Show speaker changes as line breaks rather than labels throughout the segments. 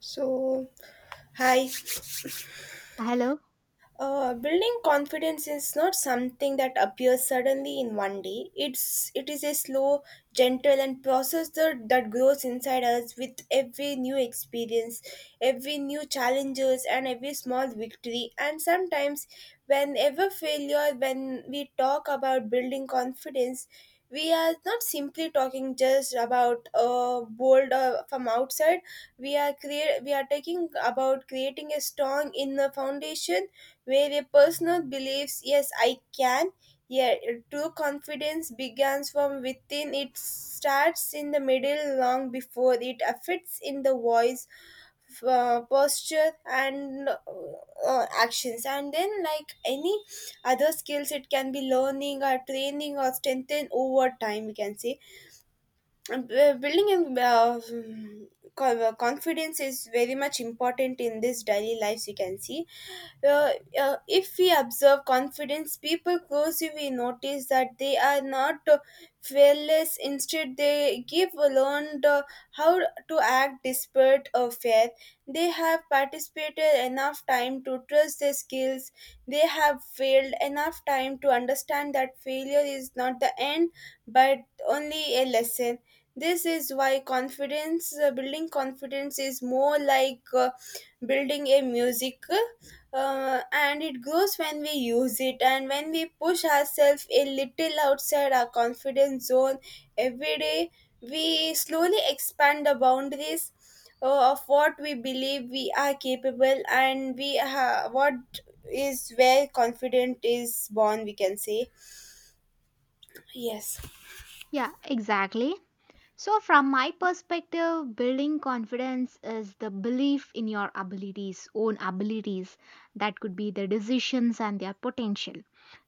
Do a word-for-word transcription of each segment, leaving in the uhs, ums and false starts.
So, hi.
Hello.
Uh, building confidence is not something that appears suddenly in one day. It's it is a slow, gentle, and process that, that grows inside us with every new experience, every new challenges, and every small victory. And sometimes, whenever failure, when we talk about building confidence, we are not simply talking just about uh, bold uh, from outside. We are create we are talking about creating a strong inner foundation where a person believes, yes, I can. Yeah, true confidence begins from within. It starts in the middle long before it affects in the voice, uh, posture, and uh, uh, actions. And then, like any other skills, it can be learning or training or strengthened over time, we can say. And, uh, building uh, mm, co- uh, confidence is very much important in this daily lives, you can see uh, uh, if we observe confidence, people closely we notice that they are not uh, fearless. Instead, they give learned uh, how to act despite uh, fear. They have participated enough time to trust their skills. They have failed enough time to understand that failure is not the end, but only a lesson. This is why confidence, uh, building confidence, is more like uh, building a music uh, and it grows when we use it, and when we push ourselves a little outside our confidence zone every day we slowly expand the boundaries uh, of what we believe we are capable, and we ha- what is where confident is born, we can say. Yes,
Yeah, exactly. So, from my perspective, building confidence is the belief in your abilities, own abilities. That could be the decisions and their potential.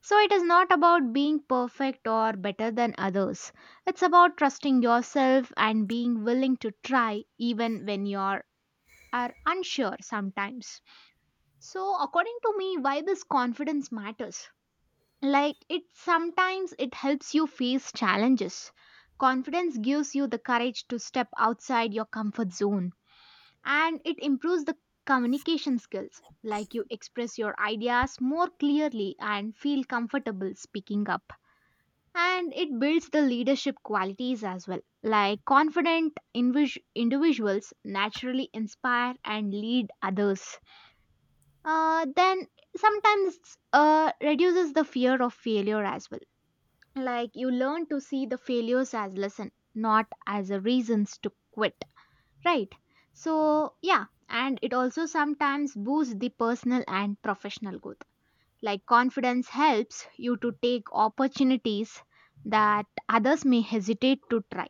So, it is not about being perfect or better than others. It's about trusting yourself and being willing to try even when you are, are unsure sometimes. So, according to me, why this confidence matters? Like, it sometimes it helps you face challenges. Confidence gives you the courage to step outside your comfort zone, and it improves the communication skills, like you express your ideas more clearly and feel comfortable speaking up. And it builds the leadership qualities as well, like confident invis- individuals naturally inspire and lead others. Uh, then sometimes uh, reduces the fear of failure as well, like you learn to see the failures as lesson, not as a reasons to quit, right? So yeah, and it also sometimes boosts the personal and professional growth, like confidence helps you to take opportunities that others may hesitate to try.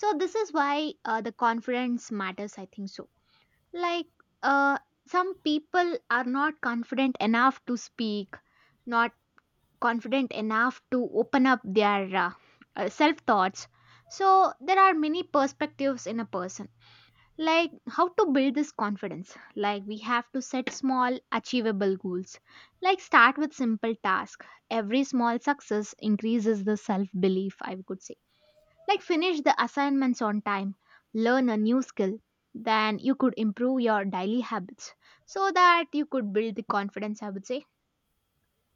So this is why uh, the confidence matters, I think so. Like, uh, some people are not confident enough to speak, not confident enough to open up their uh, uh, self thoughts. So, there are many perspectives in a person. Like how to build this confidence. Like, we have to set small, achievable goals. Like, start with simple tasks. Every small success increases the self belief, I could say. Like, finish the assignments on time, learn a new skill, then you could improve your daily habits so that you could build the confidence, I would say.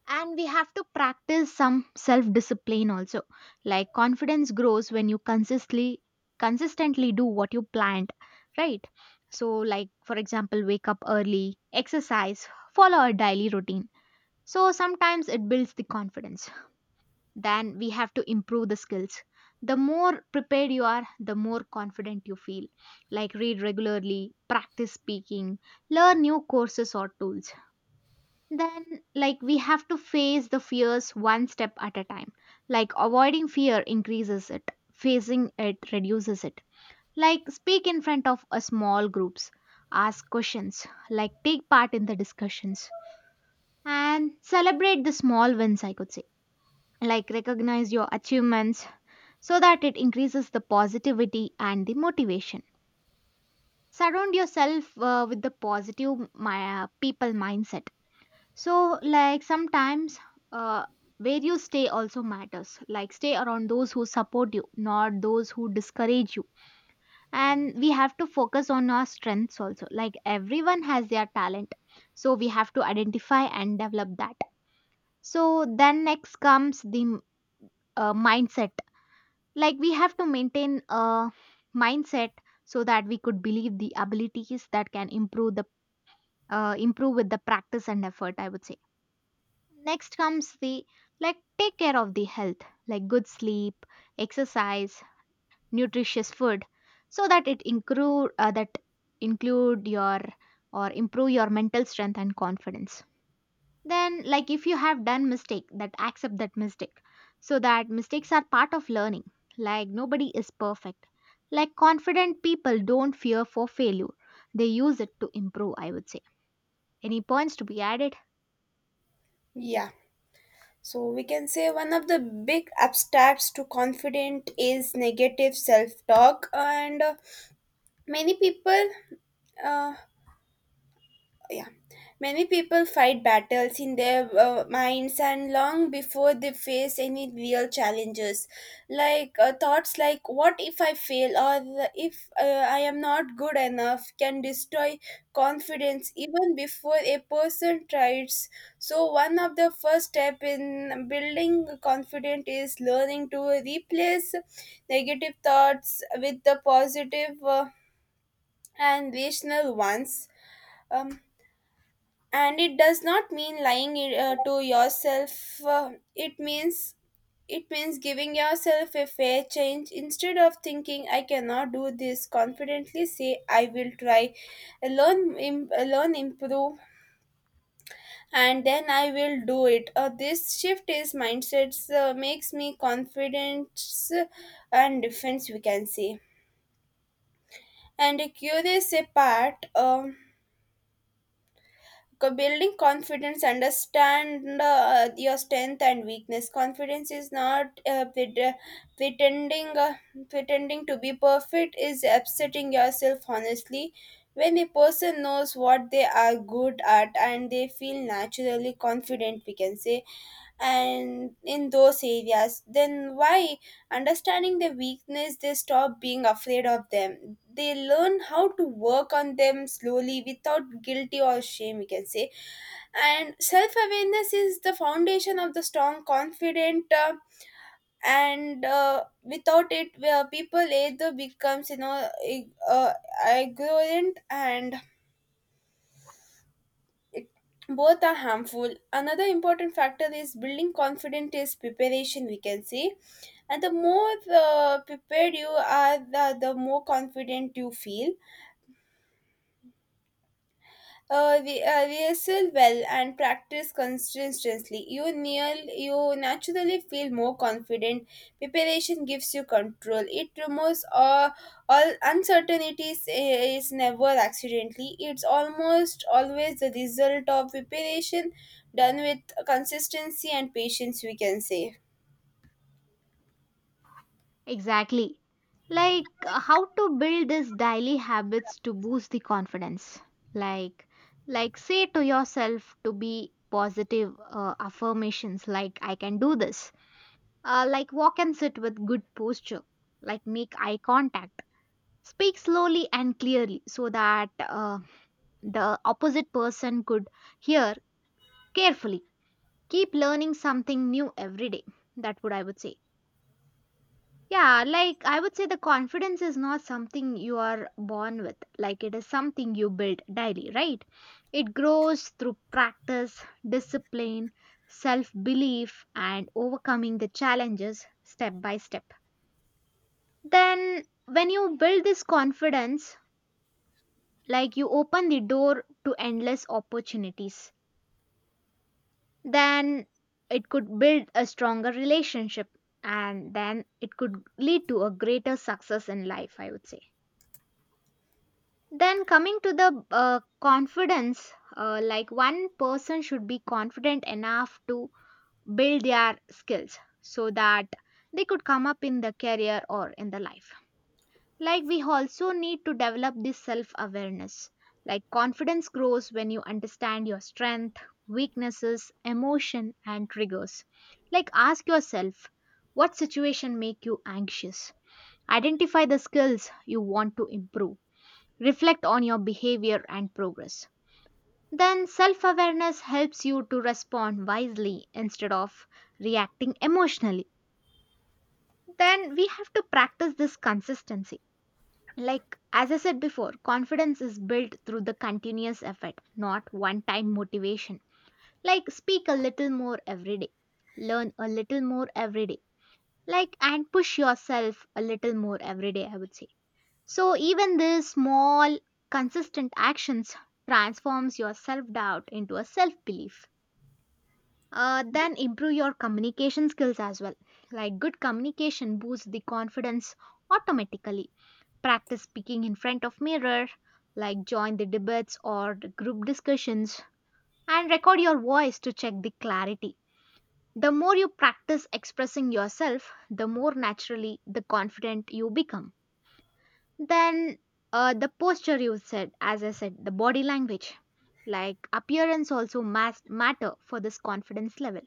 And we have to practice some self discipline also. Like confidence grows when you consistently consistently do what you planned, right? So like for example, wake up early, exercise, follow a daily routine. So sometimes it builds the confidence. Then we have to improve the skills. The more prepared you are, the more confident you feel. Like read regularly, practice speaking, learn new courses or tools. Then, like we have to face the fears one step at a time, like avoiding fear increases it, facing it reduces it. Like speak in front of a small groups, ask questions, like take part in the discussions and celebrate the small wins, I could say. Like recognize your achievements so that it increases the positivity and the motivation. Surround yourself uh, with the positive my, uh, people mindset. So, like sometimes uh, where you stay also matters. Like, stay around those who support you, not those who discourage you. And we have to focus on our strengths also. Like, everyone has their talent. So, we have to identify and develop that. So, then next comes the uh, mindset. Like we have to maintain a mindset so that we could believe the abilities that can improve the uh, improve with the practice and effort, I would say. Next comes the, like take care of the health, like good sleep, exercise, nutritious food, so that it include uh, that include your or improve your mental strength and confidence. Then, like if you have done mistake, that accept that mistake, so that mistakes are part of learning. Like nobody is perfect. Like confident people don't fear for failure; they use it to improve, I would say. Any points to be added?
yeah, so we can say one of the big abstracts to confident is negative self talk, and uh, many people uh, yeah many people fight battles in their uh, minds and long before they face any real challenges, like uh, thoughts like what if I fail, or if uh, I am not good enough can destroy confidence even before a person tries. So one of the first step in building confidence is learning to replace negative thoughts with the positive, uh, and rational ones. um and it does not mean lying uh, to yourself. Uh, it means it means giving yourself a fair change. Instead of thinking I cannot do this, confidently say I will try, learn im- learn, improve, and then I will do it. Uh, this shift is mindsets uh, makes me confident uh, and defense, we can say, and a curious apart. Um Co- building confidence, understand uh, your strength and weakness. Confidence is not uh, pret- uh, pretending uh, pretending to be perfect, is upsetting yourself honestly. When a person knows what they are good at, and they feel naturally confident, we can say, and in those areas. Then why understanding their weakness, they stop being afraid of them. They learn how to work on them slowly without guilty or shame, we can say. And self-awareness is the foundation of the strong confident, uh, and uh, without it, where people either becomes you know ig- uh, ignorant and it, both are harmful. Another important factor is building confidence is preparation, we can say. And the more uh, prepared you are, the, the more confident you feel. Uh, re- uh, rehearsal well, and practice consistently. You near, you naturally feel more confident. Preparation gives you control. It removes all, all uncertainties. eh, Is never accidentally. It's almost always the result of preparation done with consistency and patience. We can say.
Exactly. Like uh, how to build these daily habits to boost the confidence. Like like say to yourself to be positive uh, affirmations like I can do this. Uh, like walk and sit with good posture. Like make eye contact. Speak slowly and clearly so that uh, the opposite person could hear carefully. Keep learning something new every day. That would I would say. Yeah, like I would say the confidence is not something you are born with, like it is something you build daily, right? It grows through practice, discipline, self belief, and overcoming the challenges step by step. Then, when you build this confidence, like you open the door to endless opportunities, then it could build a stronger relationship and then it could lead to a greater success in life, I would say. Then coming to the uh, confidence, uh, like one person should be confident enough to build their skills so that they could come up in the career or in the life. Like we also need to develop this self awareness. Like confidence grows when you understand your strength, weaknesses, emotion and triggers. Like ask yourself what situation make you anxious. Identify the skills you want to improve. Reflect on your behavior and progress. Then self awareness helps you to respond wisely instead of reacting emotionally. Then we have to practice this consistency. Like, as I said before, confidence is built through the continuous effort, not one time motivation. Like, speak a little more every day, learn a little more every day, like, and push yourself a little more every day, I would say. So even this small consistent actions transforms your self-doubt into a self-belief. Uh, then improve your communication skills as well. Like good communication boosts the confidence automatically. Practice speaking in front of mirror, like join the debates or the group discussions and record your voice to check the clarity. The more you practice expressing yourself, the more naturally the confident you become. Then uh, the posture you said, as I said, the body language, like appearance also mas- matter for this confidence level.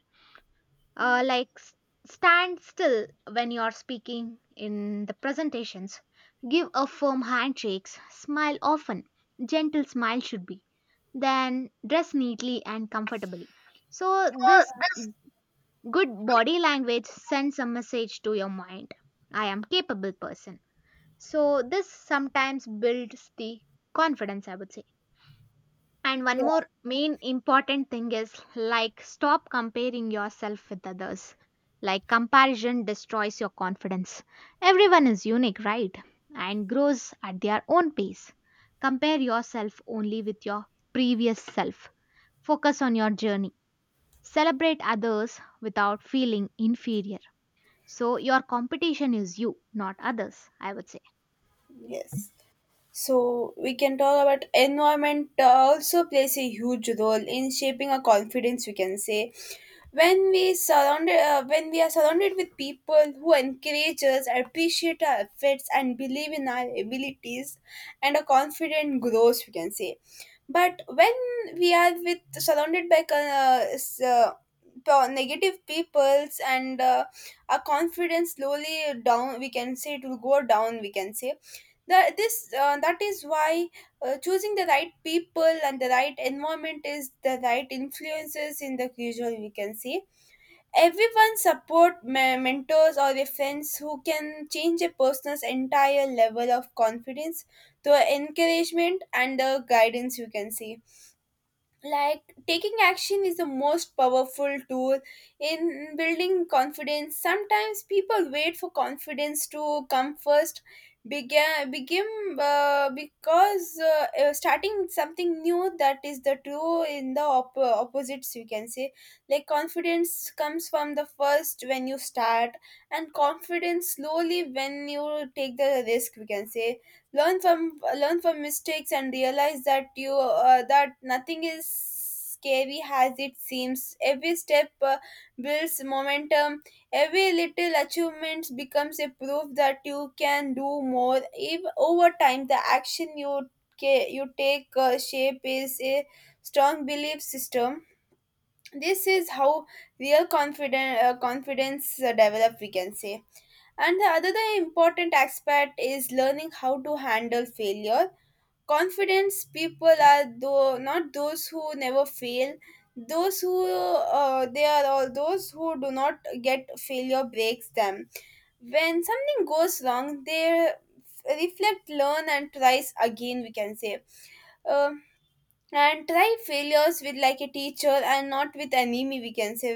Uh, like s- Stand still when you are speaking in the presentations. Give a firm handshakes. Smile often. Gentle smile should be. Then dress neatly and comfortably. So this good body language sends a message to your mind. I am capable person. So this sometimes builds the confidence, I would say. And one
Yeah.
more main important thing is like stop comparing yourself with others. Like comparison destroys your confidence. Everyone is unique, right? And grows at their own pace. Compare yourself only with your previous self. Focus on your journey. Celebrate others without feeling inferior. So your competition is you, not others, I would say.
Yes. So we can talk about environment uh, also plays a huge role in shaping our confidence. We can say when we surround, uh, when we are surrounded with people who encourage us, appreciate our efforts, and believe in our abilities, and our confidence grows. We can say. But when we are with surrounded by uh, s- uh, po- negative peoples and uh, our confidence slowly down, we can say, it will go down, we can say. That this uh, that is why uh, choosing the right people and the right environment is the right influences in the usual, we can say. Everyone support me- mentors or their friends who can change a person's entire level of confidence through encouragement and the guidance, you can see. Like taking action is the most powerful tool in building confidence. Sometimes people wait for confidence to come first begin begin uh, because uh, uh, starting something new, that is the two in the op- uh, opposites, you can say. Like confidence comes from the first when you start, and confidence slowly when you take the risk, we can say. learn from Learn from mistakes, and realize that you uh, that nothing is scary as it seems. Every step uh, builds momentum. Every little achievement becomes a proof that you can do more. If over time the action you ca- you take uh, shape is a strong belief system. This is how real confidence uh, confidence uh, develop, we can say. And the other important aspect is learning how to handle failure. Confidence people are though not those who never fail, those who uh, they are all those who do not get failure breaks them. When something goes wrong, they reflect, learn, and tries again. We can say. Um and try failures with like a teacher and not with enemy, we can say.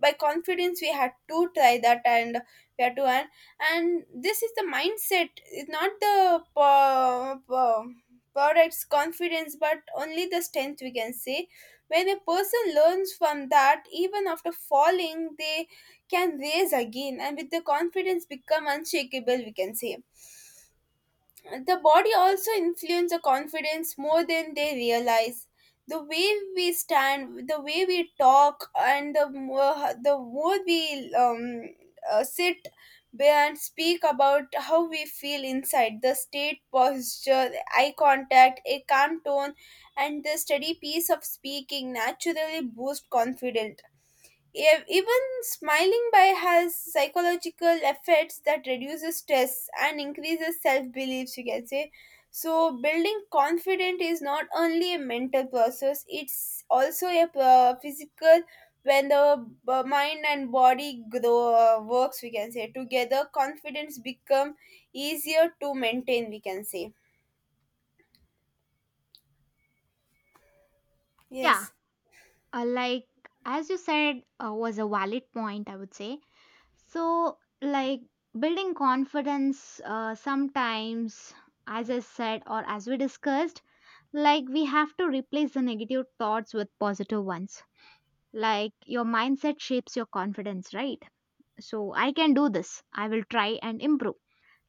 By confidence we had to try that, and we had to, and, and this is the mindset. It's not the po- po- product's confidence but only the strength, we can say. When a person learns from that, even after falling, they can raise again, and with the confidence become unshakable, we can say. The body also influences the confidence more than they realize. The way we stand, the way we talk, and the more, the more we um, uh, sit and speak about how we feel inside. The state posture, eye contact, a calm tone, and the steady pace of speaking naturally boost confidence. Ev- Even smiling by has psychological effects that reduces stress and increases self-beliefs, you can say. So building confidence is not only a mental process, it's also a uh, physical. When the b- mind and body grow uh, works, we can say, together confidence become easier to maintain, we can say.
Yeah,
Yes.
uh, like as you said uh, was a valid point, I would say. So like building confidence, uh, sometimes, as I said or as we discussed, like we have to replace the negative thoughts with positive ones, like your mindset shapes your confidence, right? So I can do this, I will try and improve.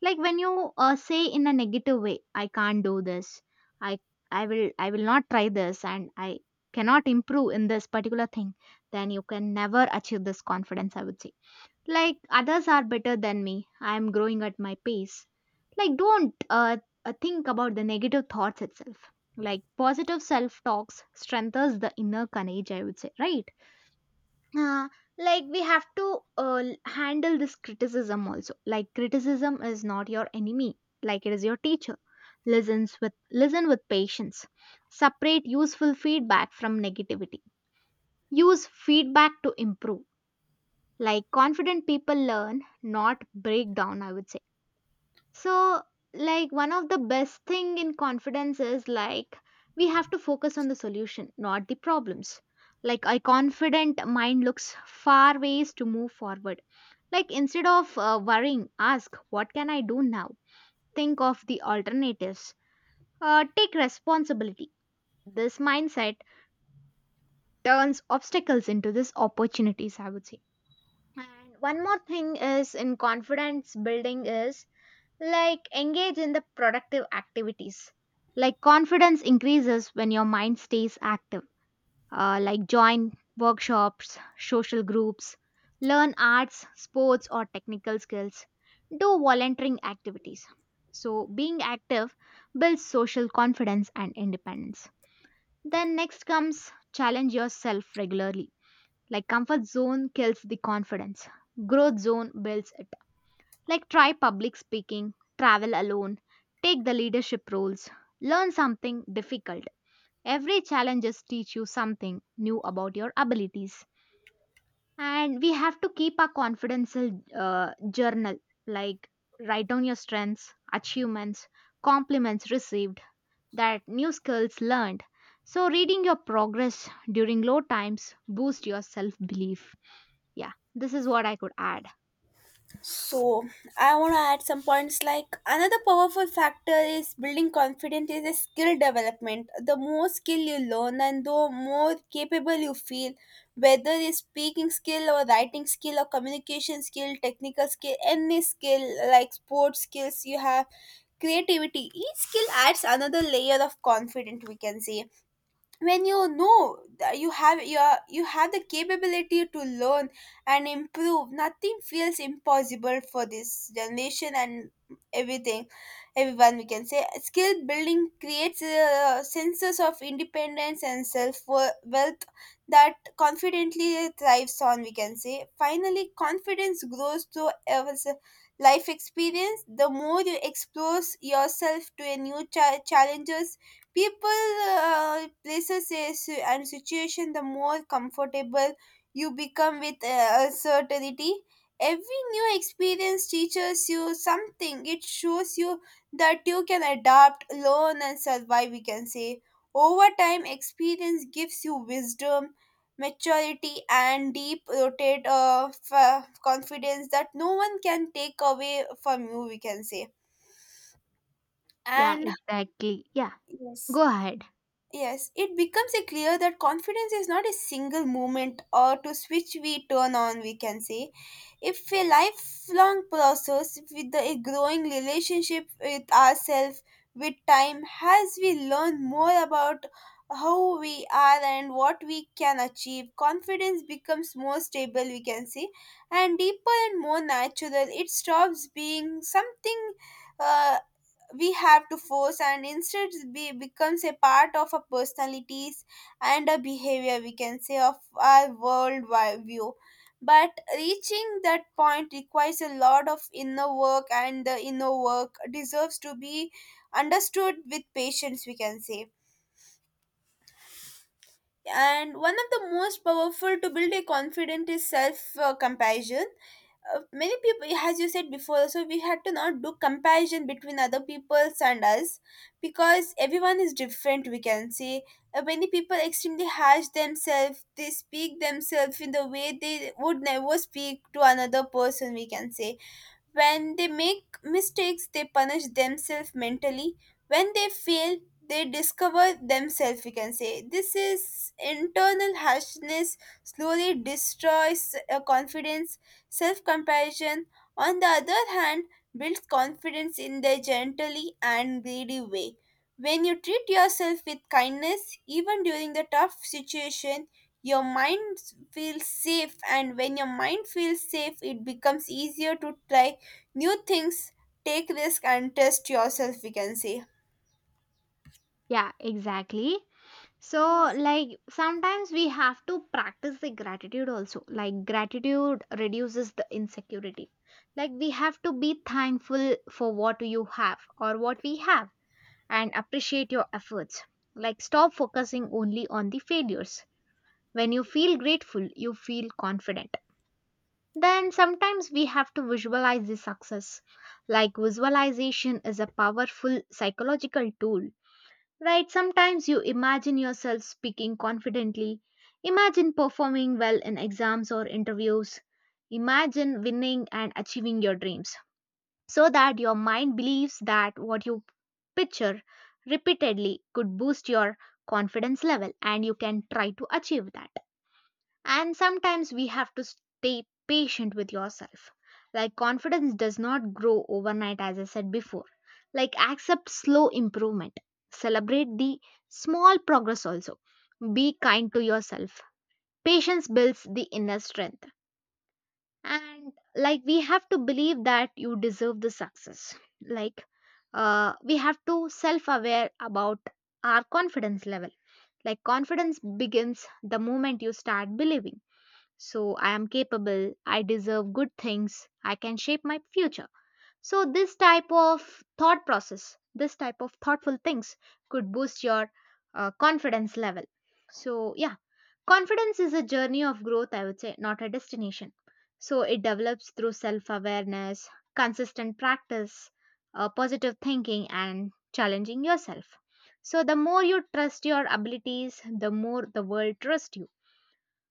Like when you uh, say in a negative way, I can't do this, i i will i will not try this, and I cannot improve in this particular thing, then you can never achieve this confidence, I would say. Like others are better than me, I am growing at my pace. Like don't uh, uh, think about the negative thoughts itself. Like positive self talks strengthens the inner courage, I would say, right? uh, like we have to uh, l- handle this criticism also, like criticism is not your enemy, like it is your teacher. Listens with listen with patience. Separate useful feedback from negativity. Use feedback to improve. Like confident people learn, not break down, I would say. So, like, one of the best thing in confidence is like we have to focus on the solution, not the problems. Like a confident mind looks far ways to move forward. Like instead of uh, worrying, ask what can I do now? Think of the alternatives. Uh, take responsibility. This mindset turns obstacles into these opportunities, I would say. And one more thing is in confidence building is, like, engage in the productive activities. Like, confidence increases when your mind stays active. Uh, like, join workshops, social groups, learn arts, sports, or technical skills, do volunteering activities. So, being active builds social confidence and independence. Then, next comes challenge yourself regularly. Like, comfort zone kills the confidence, growth zone builds it. Like try public speaking, travel alone, take the leadership roles, learn something difficult. Every challenges teach you something new about your abilities. And we have to keep our confidential uh, journal, like write down your strengths, achievements, compliments received, that new skills learned. So reading your progress during low times boost your self belief. Yeah, this is what I could add.
So I want to add some points, like another powerful factor is building confidence is a skill development. The more skill you learn, and the more capable you feel, whether it's speaking skill or writing skill or communication skill, technical skill, any skill like sports skills you have, creativity, each skill adds another layer of confidence, we can say. When you know that you have your you have the capability to learn and improve, nothing feels impossible for this generation and everything everyone, we can say. Skill building creates a senses of independence and self wealth that confidently thrives on, we can say. Finally, confidence grows through ever- life experience. The more you expose yourself to a new cha- challenges, people, uh, places a si- and situation, the more comfortable you become with uh, certainty. Every new experience teaches you something. It shows you that you can adapt, learn, and survive, we can say. Over time, experience gives you wisdom, maturity, and deep rooted uh, f- confidence that no one can take away from you, we can say.
Yeah,
And
exactly. Yeah,
yes.
go ahead.
Yes, it becomes a clear that confidence is not a single moment or to switch we turn on, we can say. If a lifelong process with the, a growing relationship with ourselves. With time, as we learn more about how we are and what we can achieve, confidence becomes more stable, we can say, and deeper and more natural. It stops being something. Uh, we have to force, and instead be becomes a part of our personalities and a behavior, we can say, of our world wi- view. But reaching that point requires a lot of inner work, and the inner work deserves to be understood with patience, we can say. And one of the most powerful to build a confident is self uh, compassion. Uh, many people, as you said before, so we had to not do comparison between other people's and us, because everyone is different, we can say. Uh, many people extremely harsh themselves. They speak themselves in the way they would never speak to another person, we can say. When they make mistakes, they punish themselves mentally. When they fail, they discover themselves, we can say. This is internal harshness slowly destroys uh, confidence, self comparison. On the other hand, builds confidence in their gently and greedy way. When you treat yourself with kindness, even during the tough situation, your mind feels safe, and when your mind feels safe it becomes easier to try new things, take risk, and test yourself, we can say.
Yeah, exactly. So,
Yes.
like, sometimes we have to practice the gratitude also. Like, gratitude reduces the insecurity. Like, we have to be thankful for what you have or what we have and appreciate your efforts. Like, stop focusing only on the failures. When you feel grateful, you feel confident. Then sometimes we have to visualize the success. Like, visualization is a powerful psychological tool. Right, sometimes you imagine yourself speaking confidently, imagine performing well in exams or interviews, imagine winning and achieving your dreams, so that your mind believes that what you picture repeatedly could boost your confidence level and you can try to achieve that. And sometimes we have to stay patient with yourself. Like confidence does not grow overnight, as I said before. Like accept slow improvement. Celebrate the small progress also. Be kind to yourself. Patience builds the inner strength. And like we have to believe that you deserve the success. Like uh, we have to self aware about our confidence level. Like confidence begins the moment you start believing so I am capable, I deserve good things, I can shape my future. So this type of thought process, this type of thoughtful things could boost your uh, confidence level. So yeah, confidence is a journey of growth, I would say, not a destination. So it develops through self awareness, consistent practice, uh, positive thinking, and challenging yourself. So the more you trust your abilities, the more the world trusts you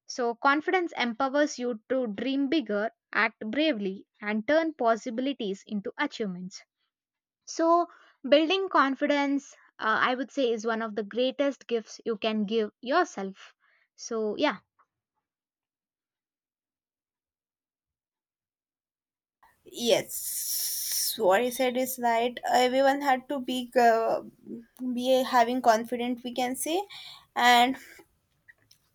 so, confidence empowers you to dream bigger, act bravely, and turn possibilities into achievements. So, building confidence, uh, I would say, is one of the greatest gifts you can give yourself. So, yeah,
Yes, what you said is right. Everyone had to be uh, be having confident, we can say. and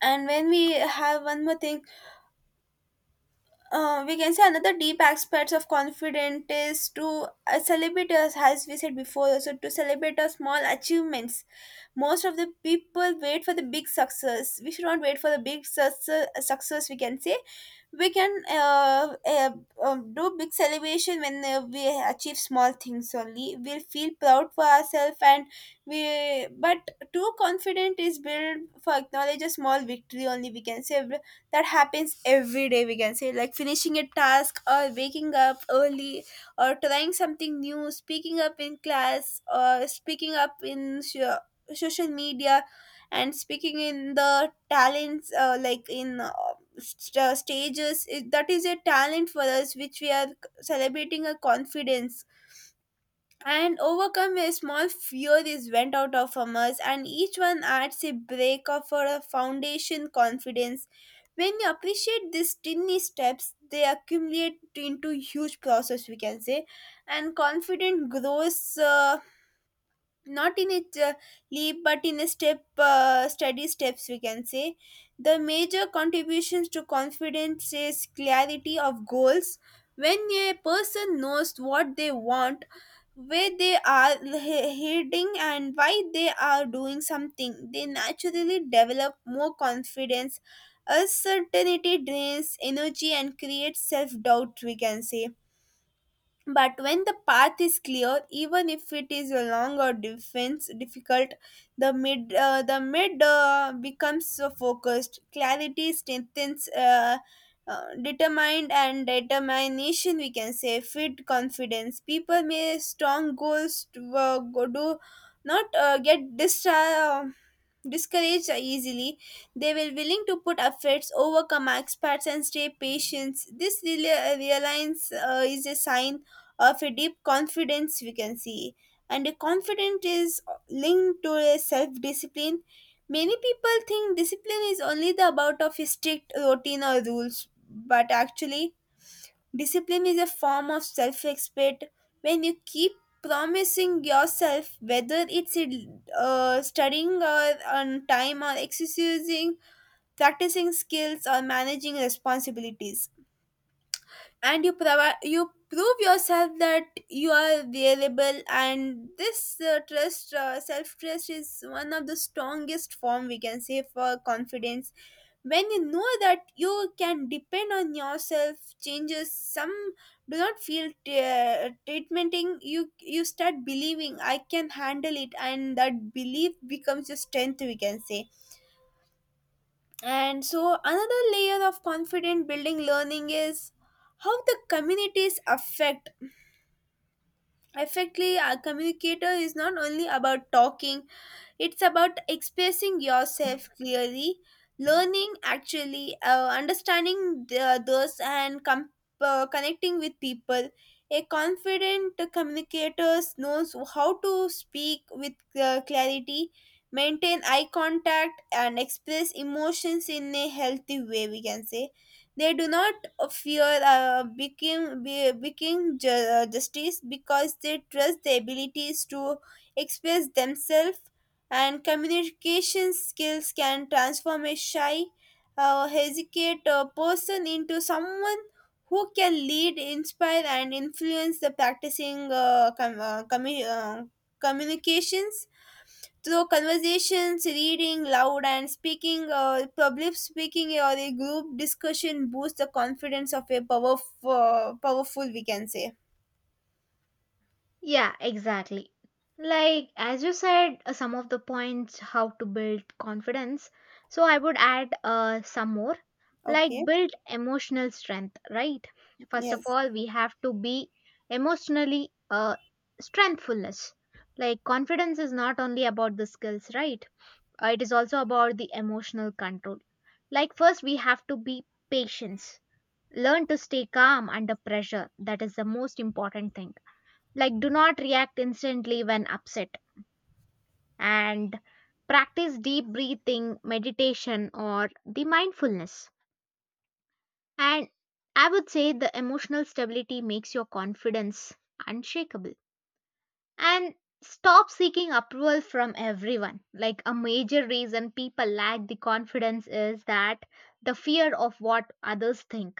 and when we have one more thing, uh, we can say, another deep aspects of confidence is to uh, celebrate us, as we said before, also to celebrate our small achievements. Most of the people wait for the big success. We should not wait for the big success success we can say. We can uh, uh, um, do big celebration when uh, we achieve small things. Only we'll feel proud for ourselves. And we but too confident is built for acknowledge a small victory only, we can say, that happens every day, we can say, like finishing a task or waking up early or trying something new, speaking up in class or speaking up in so- social media and speaking in the talents, uh, like in uh, st- uh, stages. It, that is a talent for us, which we are celebrating a confidence. And overcome a small fear is went out of from us, and each one adds a break of for a foundation confidence. When you appreciate these tiny steps, they accumulate into huge process, we can say. And confident grows, uh, not in a ch- leap but in a step uh, steady steps, we can say. The major contributions to confidence is clarity of goals. When a person knows what they want, where they are he- heading, and why they are doing something, they naturally develop more confidence. Uncertainty drains energy and creates self-doubt, we can say. But when the path is clear, even if it is long or defense difficult, the mid uh, the mid uh, becomes so focused. Clarity strengthens. Uh, uh, determined and determination, we can say, fit confidence. People may strong goals to, uh, go, do not uh, get dis- uh, discouraged easily. They will willing to put efforts, overcome experts, and stay patient. This reali- uh, realignment, uh, is a sign of a deep confidence, we can see. And a confidence is linked to a self discipline. Many people think discipline is only the about of a strict routine or rules, but actually discipline is a form of self respect. When you keep promising yourself, whether it's a, uh, studying or on time or exercising, practicing skills or managing responsibilities, and you provi- you prove yourself that you are reliable, and this uh, trust, uh, self trust is one of the strongest form, we can say, for confidence. When you know that you can depend on yourself, changes some do not feel t- uh, treatmenting you. You start believing I can handle it, and that belief becomes your strength, we can say. And so, another layer of confident building learning is how the communities affect. Effectively, a communicator is not only about talking, it's about expressing yourself clearly, learning actually, uh, understanding the, those, and com- uh, connecting with people. A confident communicator knows how to speak with uh, clarity, maintain eye contact, and express emotions in a healthy way, we can say. They do not fear uh, becoming becoming became ju- uh, justice, because they trust their abilities to express themselves. And communication skills can transform a shy, uh, hesitant, uh, person into someone who can lead, inspire, and influence. The practicing uh, com- uh, commu- uh, communications through conversations, reading loud, and speaking, uh, public speaking or a group discussion, boosts the confidence of a powerful powerful we can say.
yeah, exactly. Like, as you said, uh, some of the points how to build confidence. So, I would add uh, some more. Like,
Okay.
build emotional strength, right? First of
Yes.
all, we have to be emotionally uh, strengthfulness. Like, confidence is not only about the skills, right? Uh, it is also about the emotional control. Like, first, we have to be patience. Learn to stay calm under pressure. That is the most important thing like do not react instantly when upset and practice deep breathing meditation or the mindfulness and I would say the emotional stability makes your confidence unshakable and stop seeking approval from everyone like a major reason people lack the confidence is that the fear of what others think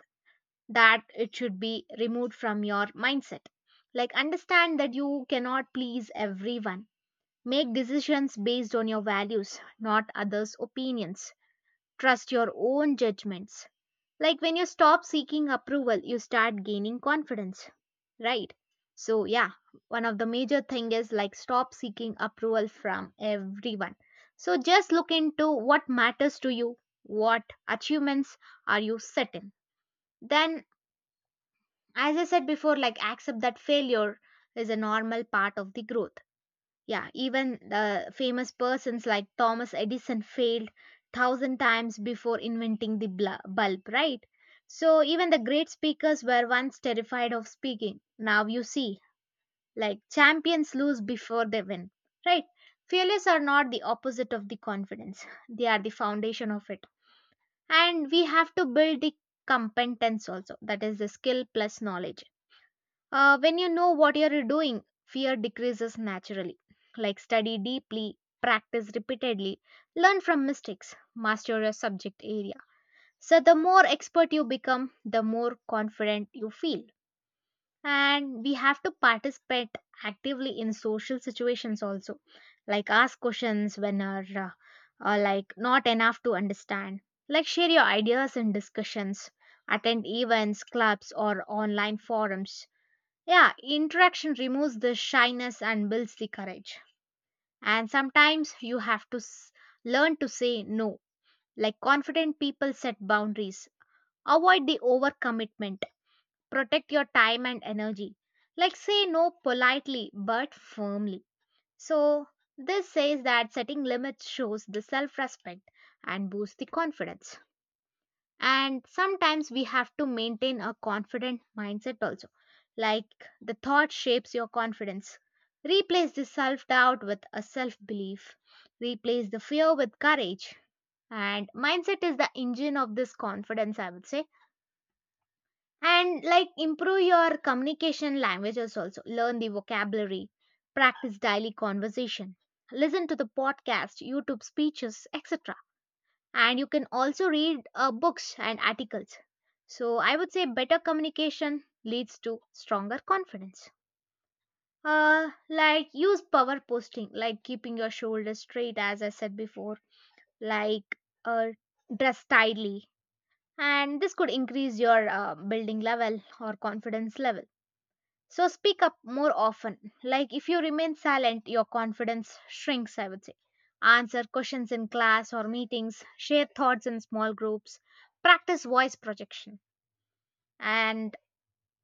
that it should be removed from your mindset like understand that you cannot please everyone. Make decisions based on your values, not others' opinions. Trust your own judgments. Like when you stop seeking approval, you start gaining confidence, right? So, yeah, one of the major thing is like stop seeking approval from everyone. So, just look into what matters to you, what achievements are you setting. Then, as I said before, like accept that failure is a normal part of the growth yeah, even the famous persons like Thomas Edison failed thousand times before inventing the bl- bulb, right? So even the great speakers were once terrified of speaking. Now you see, like champions lose before they win, right? Failures are not the opposite of the confidence. They are the foundation of it. And we have to build the competence also. That is the skill plus knowledge uh, when you know what you're doing, fear decreases naturally. Like study deeply, practice repeatedly, learn from mistakes, master your subject area. So, the more expert you become, the more confident you feel. And we have to participate actively in social situations also, like ask questions when are uh, uh, like not enough to understand, like share your ideas in discussions, attend events, clubs, or online forums yeah, interaction removes the shyness and builds the courage. And sometimes you have to s- learn to say no. Like confident people set boundaries, avoid the overcommitment, protect your time and energy. Like say no politely but firmly. So, this says that setting limits shows the self respect and boosts the confidence and sometimes we have to maintain a confident mindset also like the thought shapes your confidence replace the self doubt with a self belief replace the fear with courage and mindset is the engine of this confidence I would say and like improve your communication languages also learn the vocabulary practice daily conversation listen to the podcast youtube speeches etc and you can also read uh, books and articles. So I would say better communication leads to stronger confidence. Uh, like use power posting, like keeping your shoulders straight, as I said before, like uh, dress tightly, and this could increase your uh, building level or confidence level. So speak up more often. Like if you remain silent, your confidence shrinks, I would say. Answer questions in class or meetings, share thoughts in small groups, practice voice projection. And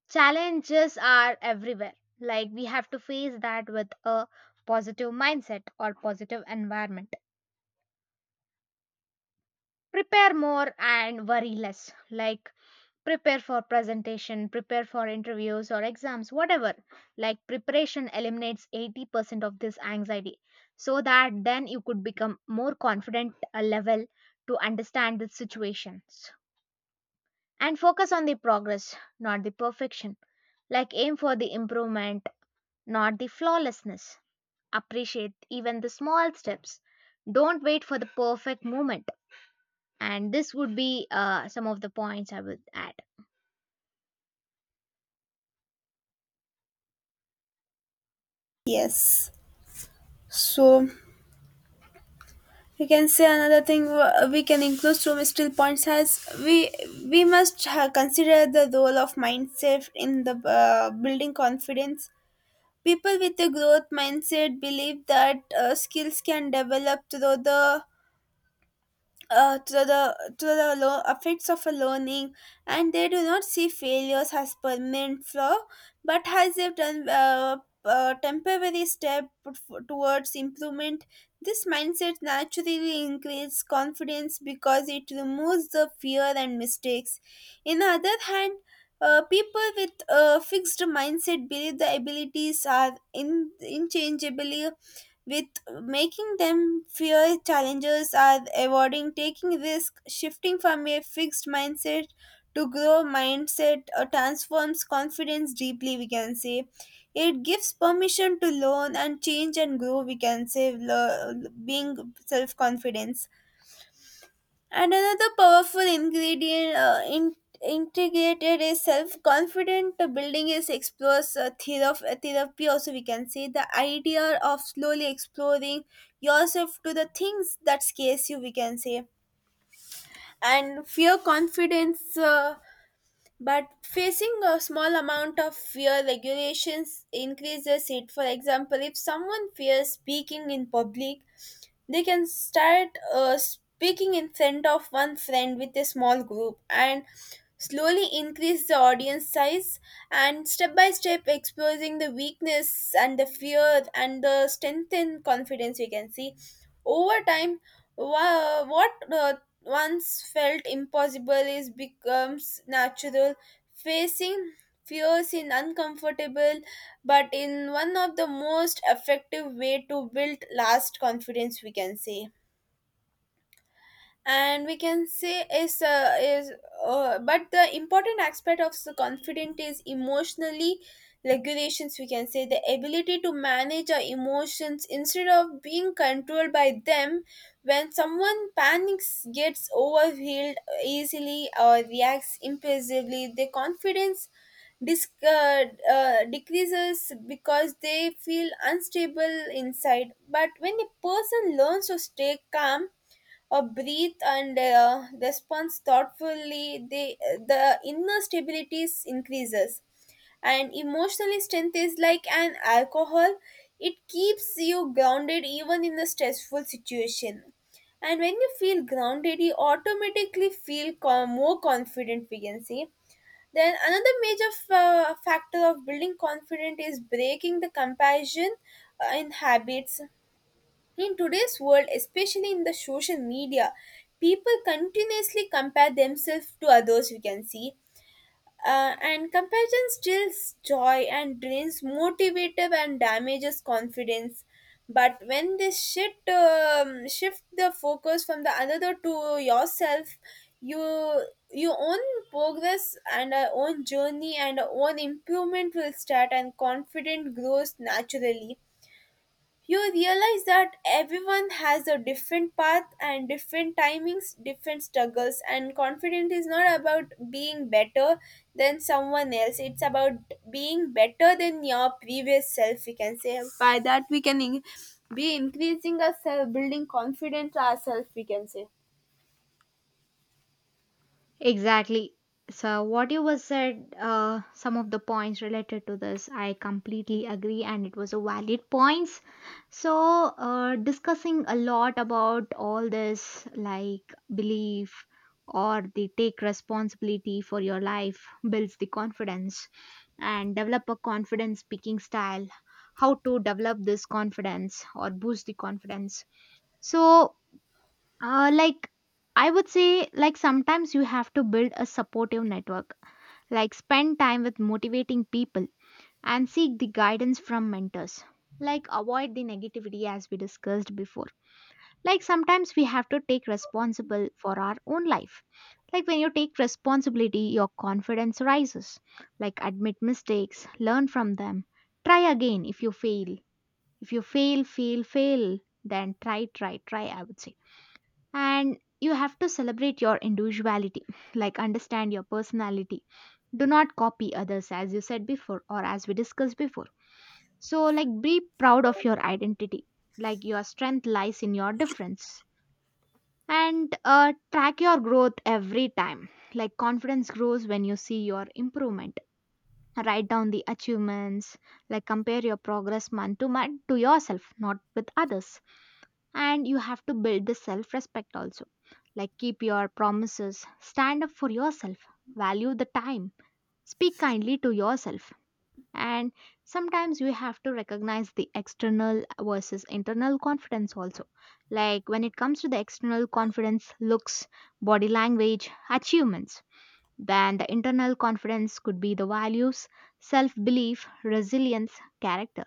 challenges are everywhere. Like we have to face that with a positive mindset or positive environment. Prepare more and worry less. Like prepare for presentation, prepare for interviews or exams, whatever. Like preparation eliminates eighty percent of this anxiety so that then you could become more confident a level to understand the situations and focus on the progress, not the perfection. Like aim for the improvement, not the flawlessness. Appreciate even the small steps. Don't wait for the perfect moment. And this would be uh, some of the points I would add.
Yes. So we can say another thing, uh, we can include through still points. As we we must ha- consider the role of mindset in the uh, building confidence. People with a growth mindset believe that uh, skills can develop through the uh, to the to the lo- effects of a learning, and they do not see failures as permanent flaw but as a tem- uh, uh, temporary step f- towards improvement. This mindset naturally increases confidence because it removes the fear and mistakes. In the other hand, uh, people with a fixed mindset believe the abilities are in, inchangeably, with making them fear challenges are avoiding taking risk. Shifting from a fixed mindset to grow mindset, uh, transforms confidence deeply, we can say. It gives permission to learn and change and grow, we can say. Lo- being self confidence. And another powerful ingredient, uh, in, integrated is self-confident building, is explores uh, thera- therapy also, we can say, the idea of slowly exploring yourself to the things that scares you, we can say. And fear confidence, uh, but facing a small amount of fear regulations increases it. For example, if someone fears speaking in public, they can start uh, speaking in front of one friend, with a small group, and slowly increase the audience size. And step by step, exposing the weakness and the fear and the strengthen confidence, we can see, over time wha- what uh, once felt impossible is becomes natural. Facing fears is uncomfortable, but in one of the most effective way to build last confidence, we can say. And we can say is uh, is uh, but the important aspect of the confident is emotionally regulations, we can say, the ability to manage our emotions instead of being controlled by them. When someone panics, gets overwhelmed easily, or reacts impulsively, their confidence dis- uh, uh, decreases, because they feel unstable inside. But when a person learns to stay calm or breathe and uh, responds thoughtfully, they, the inner stability is- increases. And emotional strength is like an alcohol, it keeps you grounded even in a stressful situation. And when you feel grounded, you automatically feel co- more confident, we can say. Then another major f- uh, factor of building confidence is breaking the comparison uh, in habits. In today's world, especially in the social media, people continuously compare themselves to others, we can see. Uh, and comparison steals joy and drains motivative and damages confidence. But when this shift um, shift the focus from the another to yourself, you your own progress and our own journey and our own improvement will start, and confidence grows naturally. You realize that everyone has a different path and different timings, different struggles, and confidence is not about being better than someone else. It's about being better than your previous self, we can say. By that we can in- be increasing our self building confidence ourselves, we can say.
Exactly. So, what you was said, uh, some of the points related to this, I completely agree, and it was a valid points. So, uh, discussing a lot about all this, like belief or the take responsibility for your life, builds the confidence, and develop a confidence speaking style. How to develop this confidence or boost the confidence. So, uh, like I would say, like sometimes you have to build a supportive network, like spend time with motivating people and seek the guidance from mentors. Like avoid the negativity as we discussed before. Like sometimes we have to take responsible for our own life. Like when you take responsibility, your confidence rises. Like admit mistakes, learn from them, try again if you fail. If you fail, fail, fail, then try, try, try, I would say and you have to celebrate your individuality like understand your personality do not copy others as you said before or as we discussed before so like be proud of your identity like your strength lies in your difference and uh, track your growth every time like confidence grows when you see your improvement write down the achievements like compare your progress month to month to yourself not with others and you have to build the self respect also like keep your promises, stand up for yourself, value the time, speak kindly to yourself. And sometimes we have to recognize the external versus internal confidence also. Like when it comes to the external confidence, looks, body language, achievements, then the internal confidence could be the values, self belief, resilience, character.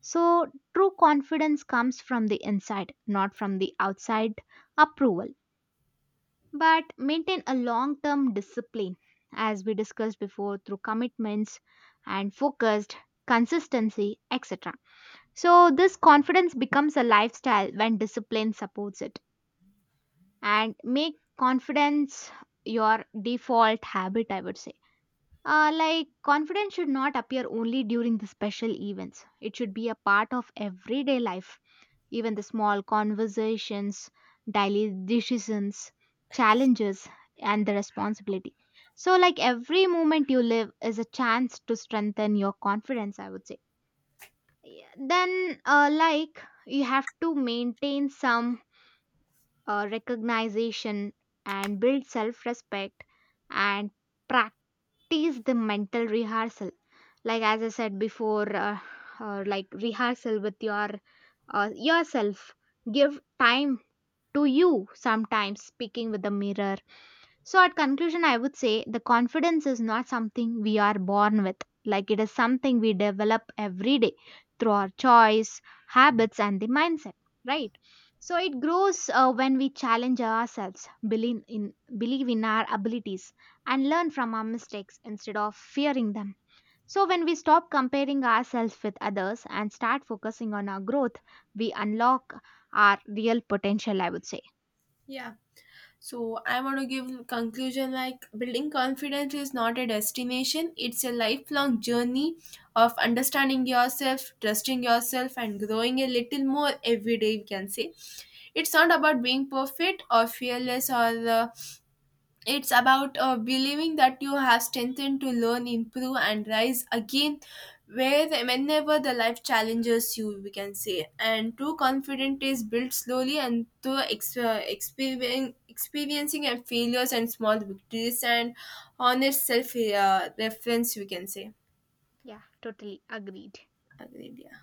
So, true confidence comes from the inside, not from the outside approval but maintain a long term discipline, as we discussed before, through commitments and focused consistency, et cetera. So, this confidence becomes a lifestyle when discipline supports it and make confidence your default habit, I would say. Uh, like, confidence should not appear only during the special events, it should be a part of everyday life. Even the small conversations, daily decisions, challenges, and the responsibility. So, like every moment you live is a chance to strengthen your confidence, I would say. Yeah, then, uh, like, you have to maintain some uh, recognition and build self respect and practice the mental rehearsal like as I said before uh, uh, like rehearsal with your uh, yourself give time to you sometimes speaking with the mirror. So, at conclusion, I would say the confidence is not something we are born with, like it is something we develop every day through our choice, habits, and the mindset, right? So, it grows uh, when we challenge ourselves, believe in, believe in our abilities, and learn from our mistakes instead of fearing them. So, when we stop comparing ourselves with others and start focusing on our growth, we unlock our real potential, I would say.
Yeah. So I want to give conclusion, like building confidence is not a destination, it's a lifelong journey of understanding yourself, trusting yourself, and growing a little more every day, we can say. It's not about being perfect or fearless, or uh, it's about uh, believing that you have strengthened to learn, improve, and rise again where whenever the life challenges you, we can say. And true confidence is built slowly and through ex- uh, experien- experiencing and failures and small victories and honest self, uh, reference, we can say.
Yeah, totally agreed.
Agreed, yeah.